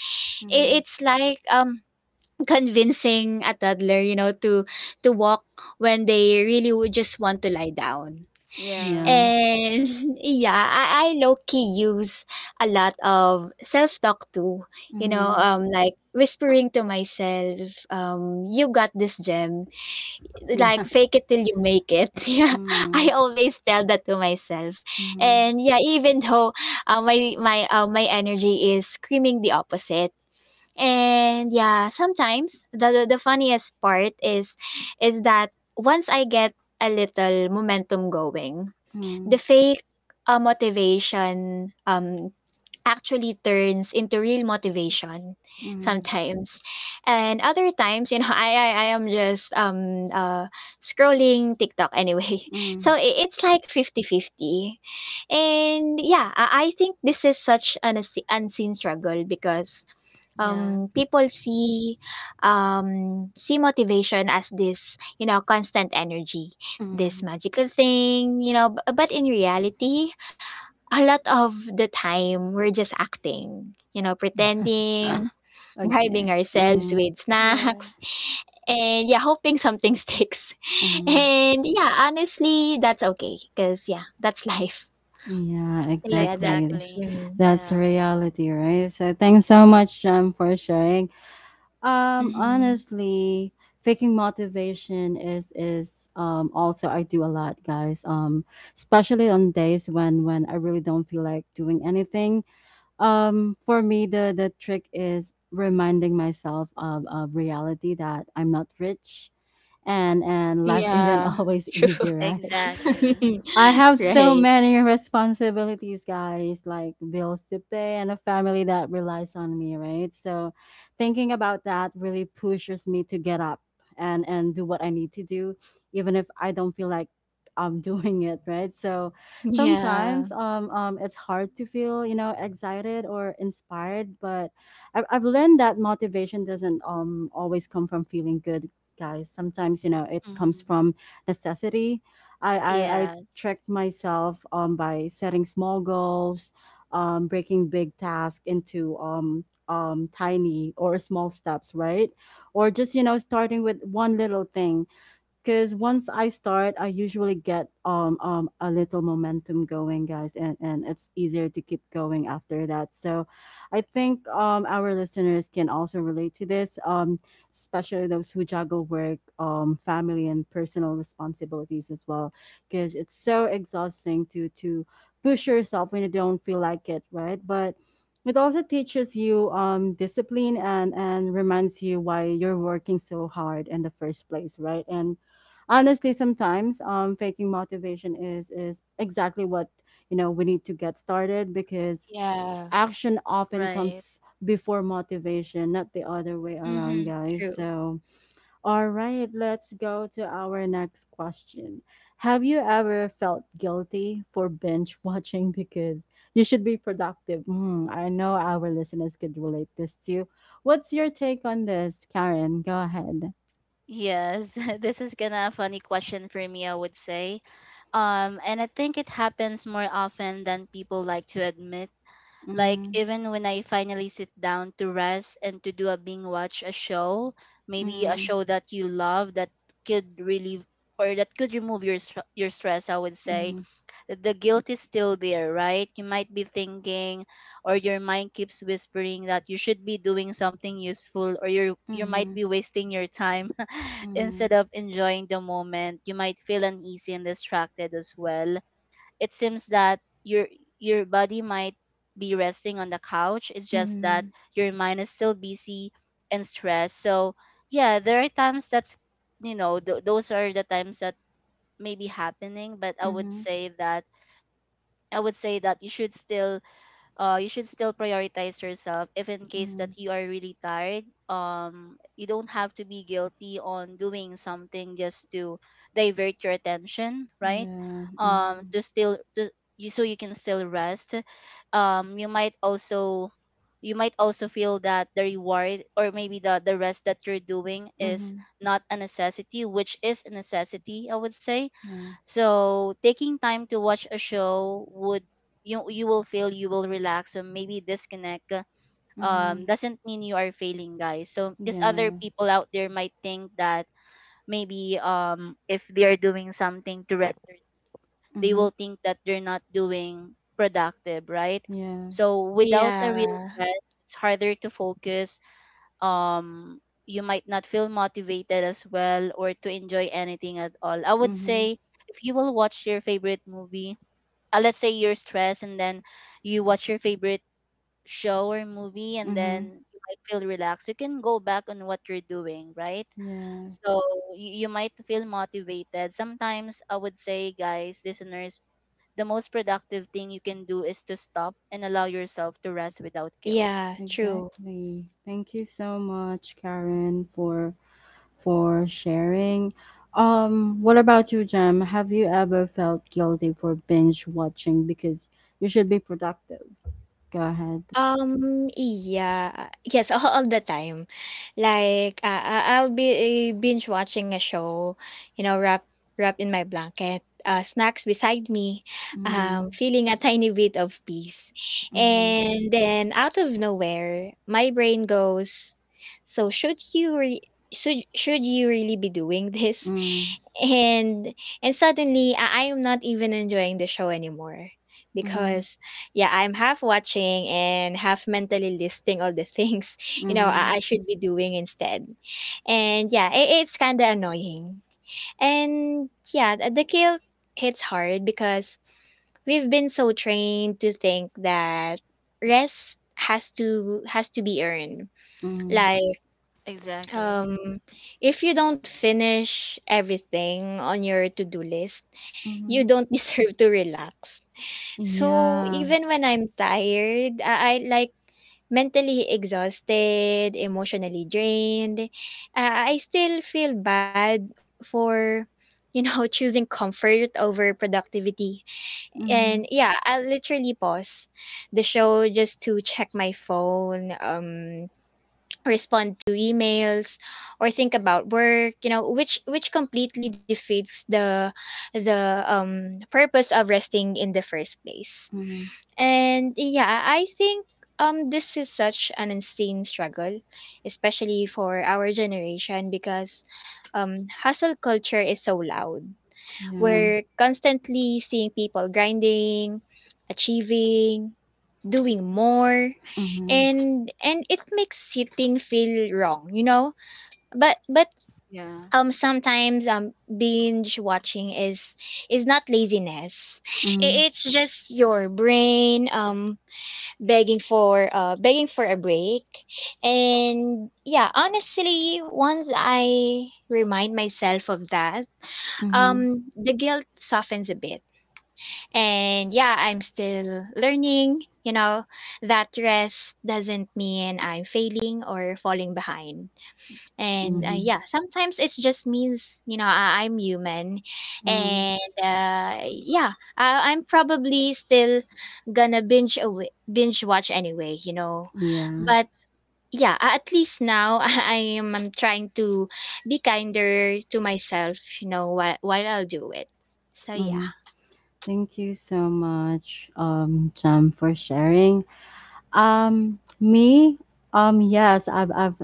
it,
Mhm.
it's like, convincing a toddler, you know, to walk when they really would just want to lie down.
yeah,
Yeah.
And yeah, I low key use a lot of self talk too. You know,
Mhm.
like whispering to myself, you got this, Gem. Like,
Yeah.
fake it till you make it. Yeah, I
Mhm,
always tell that to myself.
mhm,
And yeah, even though my energy is screaming the opposite. And yeah, sometimes the funniest part is that once I get a little momentum going, the
mm,
fake motivation actually turns into real motivation
mm,
sometimes, and other times, you know, I am just scrolling TikTok anyway.
mm,
So, it's like 50-50, and yeah, I think this is such an unseen struggle because
yeah,
people see motivation as this, you know, constant energy, this
mm.
magical thing, you know. B- but in reality, a lot of the time we're just acting, you know, pretending, bribing
Okay.
ourselves
Mhm,
with
yeah.
snacks, and yeah, hoping something sticks.
mhm.
And yeah, honestly, that's okay because yeah, that's life.
Yeah,
So yeah, that's it
exactly.
for
Exactly.
me.
That's
Yeah.
reality, right? So thanks so much, John, for sharing.
Hmm.
Honestly, faking motivation is also I do a lot, guys. Especially on days when I really don't feel like doing anything. For me, the trick is reminding myself of reality that I'm not rich, and life isn't
Yeah.
always
True.
easy, right?
Exactly. Yeah.
I have so
Right.
many responsibilities, guys, like bills to pay and a family that relies on me, right? So, thinking about that really pushes me to get up and do what I need to do, even if I don't feel like I'm doing it, right? So,
Yeah,
sometimes it's hard to feel excited or inspired, but I've learned that motivation doesn't always come from feeling good, guys. Sometimes it comes
Mhm.
from necessity. I
Yes.
tricked myself by setting small goals, breaking big tasks into tiny or small steps, right? Or just starting with one little thing, because once I start, I usually get a little momentum going, guys, and it's easier to keep going after that. So, I think our listeners can also relate to this, especially those who juggle work, family and personal responsibilities as well, because it's so exhausting to push yourself when you don't feel like it, right? But it also teaches you discipline, and reminds you why you're working so hard in the first place, right? And honestly, sometimes faking motivation is exactly what, we need to get started, because
yeah.
action often
Right.
comes before motivation, not the other way around,
Mhm,
guys.
true.
So, all right, let's go to our next question. Have you ever felt guilty for binge watching because you should be productive? Hmm. I know our listeners could relate this too. What's your take on this, Karen? Go ahead.
Yes. This is gonna a funny question for me, I would say. And I think it happens more often than people like to admit. Like,
Mm,
even when I finally sit down to rest and to do a binge watch a show, maybe a
mm,
show that you love that could relieve or that could remove your your stress, I would say.
mm,
The guilt is still there, right? You might be thinking, or your mind keeps whispering that you should be doing something useful, or you might
mm.
be wasting your time instead
Mhm.
of enjoying the moment. You might feel uneasy and distracted as well. It seems that your body might be resting on the couch. It's just that
Mhm.
your mind is still busy and stressed. So yeah, there are times that's, you know, those are the times that may be happening. But I would
Mhm.
say that I would say that you should still you should still prioritize yourself if in case that
Mhm.
you are really tired. Um, you don't have to be guilty on doing something just to divert your attention, right?
Yeah.
Um,
Mhm.
to still to, you so you can still rest. You might also feel that the reward, or maybe the rest that you're doing is
Mhm.
not a necessity, which is a necessity, I would say.
Yeah.
So taking time to watch a show would, you will feel, you will relax, so maybe disconnect. Uh, um,
Mhm.
doesn't mean you are failing, guys. So because other
Yeah.
people out there might think that maybe if they are doing something to rest, they
Mhm.
will think that they're not doing productive, right?
Yeah.
So without a real
Yeah,
rest, it's harder to focus, um you might not feel motivated as well, or to enjoy anything at all, I would
Mhm.
say. If you will watch your favorite movie, let's say you're stressed, and then you watch your favorite show or movie, and
Mhm.
then you might feel relaxed, you can go back on what you're doing, right?
Yeah.
So you might feel motivated sometimes, I would say. Guys, listeners, the most productive thing you can do is to stop and allow yourself to rest without guilt.
yeah, true.
Exactly. Thank you so much,
Mhm.
Karen, for sharing. What about you, Jem? Have you ever felt guilty for binge watching because you should be productive? Go ahead.
Yeah. Yes, all the time. Like, I'll be binge watching a show, you know, wrapped in my blanket, snacks beside me,
Mm-hmm.
feeling a tiny bit of peace.
Mm-hmm.
And then out of nowhere, my brain goes, so should you re- should you really be doing this?
Mm-hmm.
and and suddenly I am not even enjoying the show anymore because yeah, I'm half watching and half mentally listing all the things, you know,
Mm-hmm.
I should be doing instead. And yeah, it's kind of annoying. And yeah, the guilt hits hard because we've been so trained to think that rest has to be earned.
Mm-hmm.
Like,
Exactly.
um if you don't finish everything on your to-do list, you don't deserve to relax. So,
Yeah.
even when I'm tired, I, like, mentally exhausted, emotionally drained, I still feel bad for, you know, choosing comfort over productivity. And
Mhm.
yeah, I'll literally pause the show just to check my phone, respond to emails or think about work, you know, which completely defeats the purpose of resting in the first place.
Mhm.
And yeah, I think this is such an insane struggle, especially for our generation because hustle culture is so loud.
Yeah.
We're constantly seeing people grinding, achieving, doing more,
Mhm.
and it makes sitting feel wrong, you know? But but
Yeah.
um sometimes binge watching is not laziness.
Mhm.
It's just your brain begging for a break. And yeah, honestly, once I remind myself of that,
Mhm.
the guilt softens a bit. And yeah, I'm still learning, you know, that rest doesn't mean I'm failing or falling behind, and,
Mhm.
yeah, sometimes it just means, you know, I'm human.
Mhm.
And, yeah, I I'm probably still gonna binge watch anyway, you know?
Yeah.
But, yeah, a at least now I'm trying to be kinder to myself, you know, while I'll do it. So,
Mhm.
yeah.
Thank you so much, Jam, for sharing. Me, yes, I've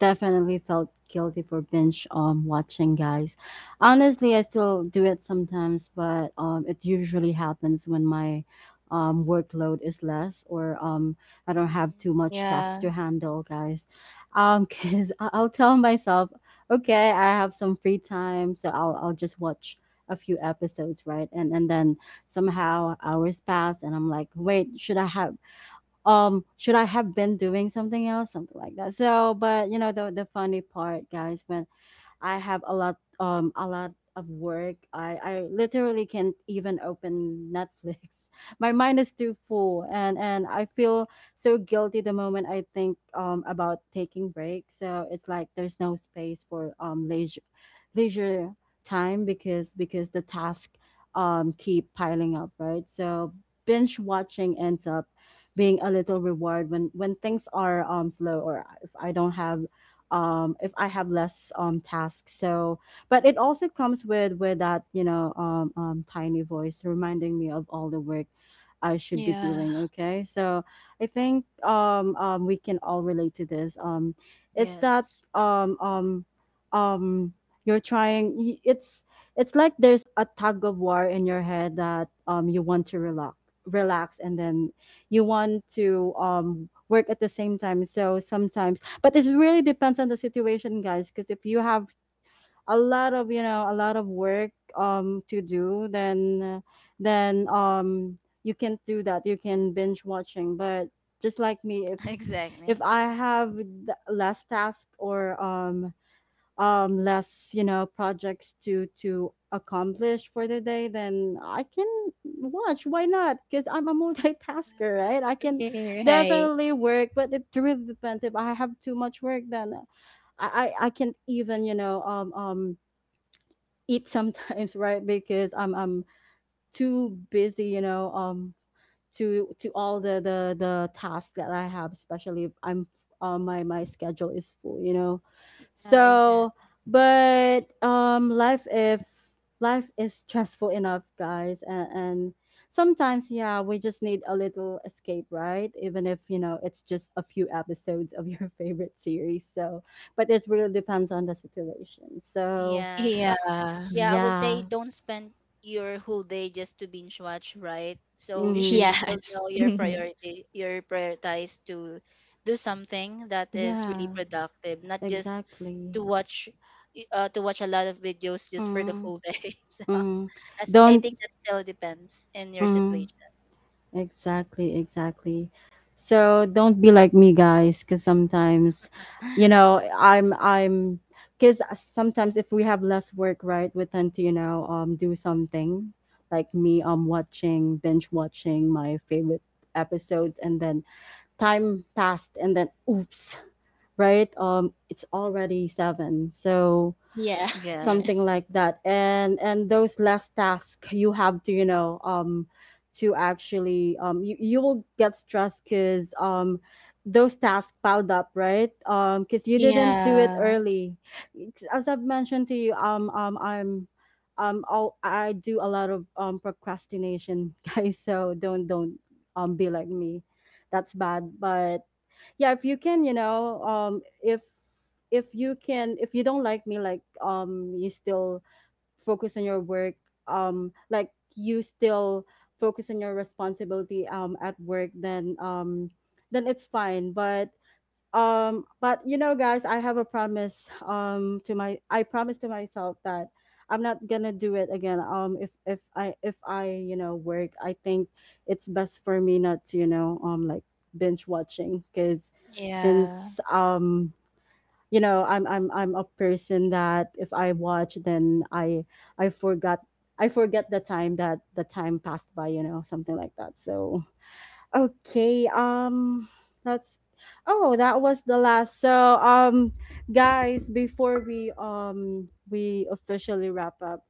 definitely felt guilty for binge watching, guys. Honestly, I still do it sometimes, but it usually happens when my workload is less, or I don't have too
Mhm.
much tasks to
Yeah.
handle, guys. Um, cuz I'll tell myself, okay, I have some free time, so I'll just watch a few episodes, right? And then somehow hours pass and I'm like, wait, should I have been doing something else, something like that. So, but you know, the funny part, guys, when I have a lot, a lot of work, I literally can't even open Netflix. My mind is too full, and I feel so guilty the moment I think about taking breaks. So it's like there's no space for leisure leisure time, because the task keep piling up, right? So binge watching ends up being a little reward when things are slow, or if I don't have if I have less tasks. So, but it also comes with that, tiny voice reminding me of all the work I should be
Yeah.
doing. Okay, so I think, we can all relate to this. It's that
Yes,
um, um, um, you're trying. It's like there's a tug of war in your head, that, you want to relax and then you want to work at the same time. So, sometimes, but it really depends on the situation, guys. Because if you have a lot of, you know, a lot of work to do, then you can do that, you can binge watching. But just like me, if
exactly.
I have less task, or less, you know, projects to accomplish for the day, then I can watch. Why not? Because I'm a multitasker,
Yeah.
right? I can
Right.
definitely work, but it really depends. If I have too much work, then I can't even, you know, eat sometimes, right? Because I'm too busy, you know, to all the tasks that I have, especially if I'm, my schedule is full, you know.
Yeah,
So,
exactly.
but life, if life is stressful enough, guys, and sometimes, yeah, we just need a little escape, right? Even if, you know, it's just a few episodes of your favorite series. So, but it really depends on the situation. So,
Yes.
Yeah.
Yeah, I would say
yeah,
don't spend your whole day just to binge watch, right? So you should
mm,
Yes.
still know your priority, your prioritize to do something that is really
yeah,
productive, not just
exactly.
to watch to watch a lot of videos just for the
Mm-hmm.
whole day. So
Mm,
as, I
don't,
think that still depends in your
mm,
situation.
exactly, exactly. So don't be like me, guys. Because sometimes, you know, I'm because sometimes if we have less work, right, we tend to, you know, do something like me, watching, binge watching my favorite episodes, and then time passed, and then oops, right? It's already seven. So
Yeah.
something
Yes.
like that, and those last tasks you have to, you know, to actually you, you will get stressed, because those tasks piled up, right? Um, because you didn't do it
Yeah.
early. It's- as I've mentioned to you, i'm, all I do, a lot of procrastination, guys. So don't, be like me. That's bad. But yeah, if you can, you know, if you can, if you don't, like me, like, you still focus on your work, like you still focus on your responsibility, at work, then it's fine. But but you know, guys, I have a promise, to my, I promise to myself that I'm not gonna do it again. If i, you know, work, I think it's best for me not to, you know, like binge watching. Because
Yeah.
since, you know, I'm a person that if I watch, then i forgot I forget the time, that the time passed by, you know, something like that. So, okay, um, that's, oh, that was the last. So, um, guys, before we officially wrap up,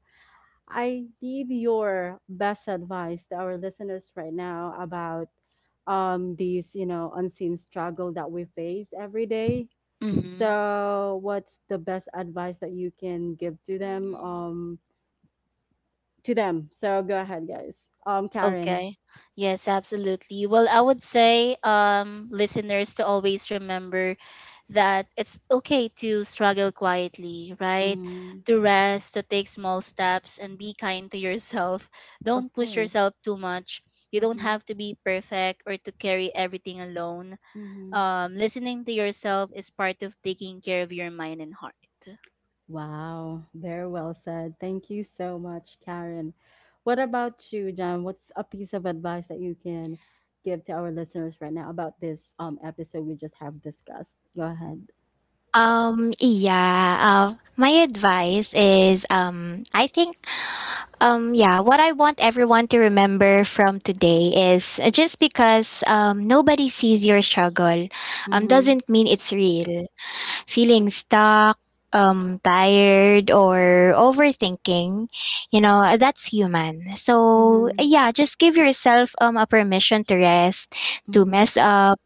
I need your best advice to our listeners right now about, um, these, you know, unseen struggle that we face every day.
Mm-hmm.
So, what's the best advice that you can give to them,
Mm-hmm.
to them? So, go ahead, guys. Um, Karen.
Okay. Yes, absolutely. Well, I would say, listeners to always remember that it's okay to struggle quietly, right?
Mm,
To rest, to take small steps, and be kind to yourself.
of
Don't push
course.
yourself too much. You don't
Mhm.
have to be perfect or to carry everything alone.
Mhm.
Listening to yourself is part of taking care of your mind and heart.
Wow, very well said. Thank you so much, Karen. What about you, John? What's a piece of advice that you can give to our listeners right now about this episode we just have discussed? Go ahead.
Yeah, my advice is, I think, yeah, what I want everyone to remember from today is, just because nobody sees your struggle
Mm-hmm.
doesn't mean it's real. Feeling stuck, tired, or overthinking, you know, that's human. So,
Mm-hmm.
yeah, just give yourself a permission to rest, to
Mm-hmm.
mess up,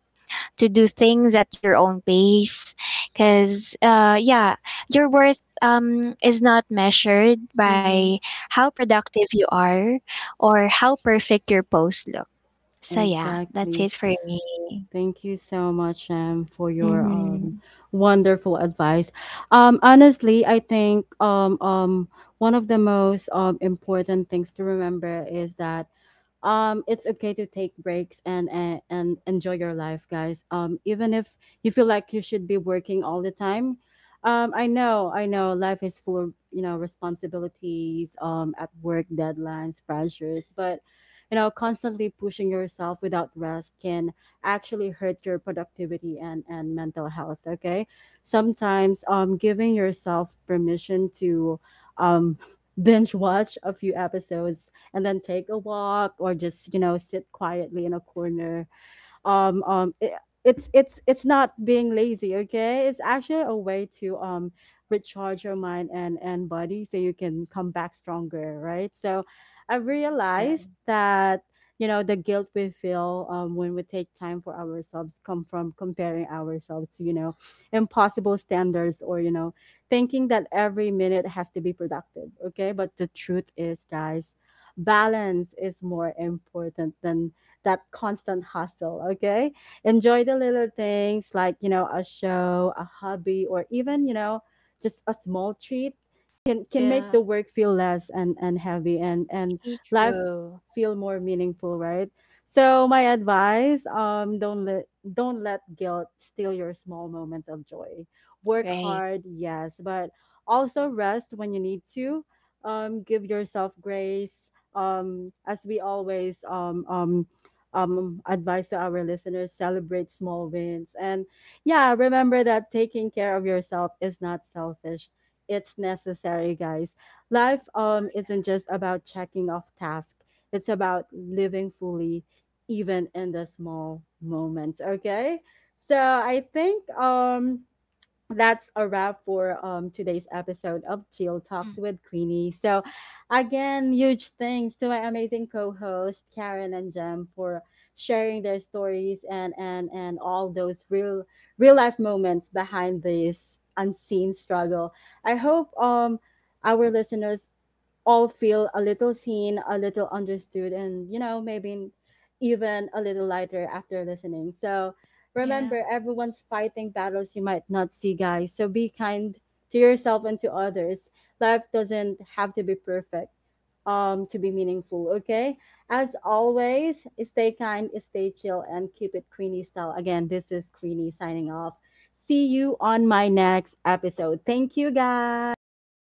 to do things at your own pace, because yeah, your worth is not measured by
Mm-hmm.
how productive you are or how perfect your post look. So yeah, that's it
Exactly.
for me.
Thank you so much, for your
Mm-hmm.
wonderful advice. Honestly, I think, one of the most, important things to remember is that, it's okay to take breaks, and enjoy your life, guys, even if you feel like you should be working all the time. I know, life is full of, you know, responsibilities, at work, deadlines, pressures. But you know, constantly pushing yourself without rest can actually hurt your productivity and mental health, okay? Sometimes giving yourself permission to um binge watch a few episodes, and then take a walk, or just, you know, sit quietly in a corner, um um i- it's, it's not being lazy. Okay, it's actually a way to, recharge your mind and body, so you can come back stronger, right? So I realized
Yeah.
that, you know, the guilt we feel, when we take time for ourselves, come from comparing ourselves to, you know, impossible standards, or, you know, thinking that every minute has to be productive. Okay, but the truth is, guys, balance is more important than that constant hustle. Okay, enjoy the little things, like, you know, a show, a hobby, or even, you know, just a small treat, can make
Yeah.
the work feel less and heavy, and
Very
life
true.
feel more meaningful, right? So my advice, don't let, guilt steal your small moments of joy. Work
Right.
hard, yes, but also rest when you need to. Give yourself grace, as we always, advice to our listeners, celebrate small wins. And yeah, remember that taking care of yourself is not selfish, it's necessary, guys. Life isn't just about checking off tasks, it's about living fully, even in the small moments, okay? So I think. That's a wrap for, today's episode of Chill
Mm.
Talks with Queenie. So, again, huge thanks to my amazing co-host Karen and Jem for sharing their stories, and all those real life moments behind this unseen struggle. I hope, our listeners all feel a little seen, a little understood, and you know, maybe even a little lighter after listening. So
Yeah.
remember, everyone's fighting battles you might not see, guys. So be kind to yourself and to others. Life doesn't have to be perfect, to be meaningful, okay? As always, stay kind, stay chill, and keep it Queenie style. Again, this is Queenie signing off. See you on my next episode. Thank you, guys.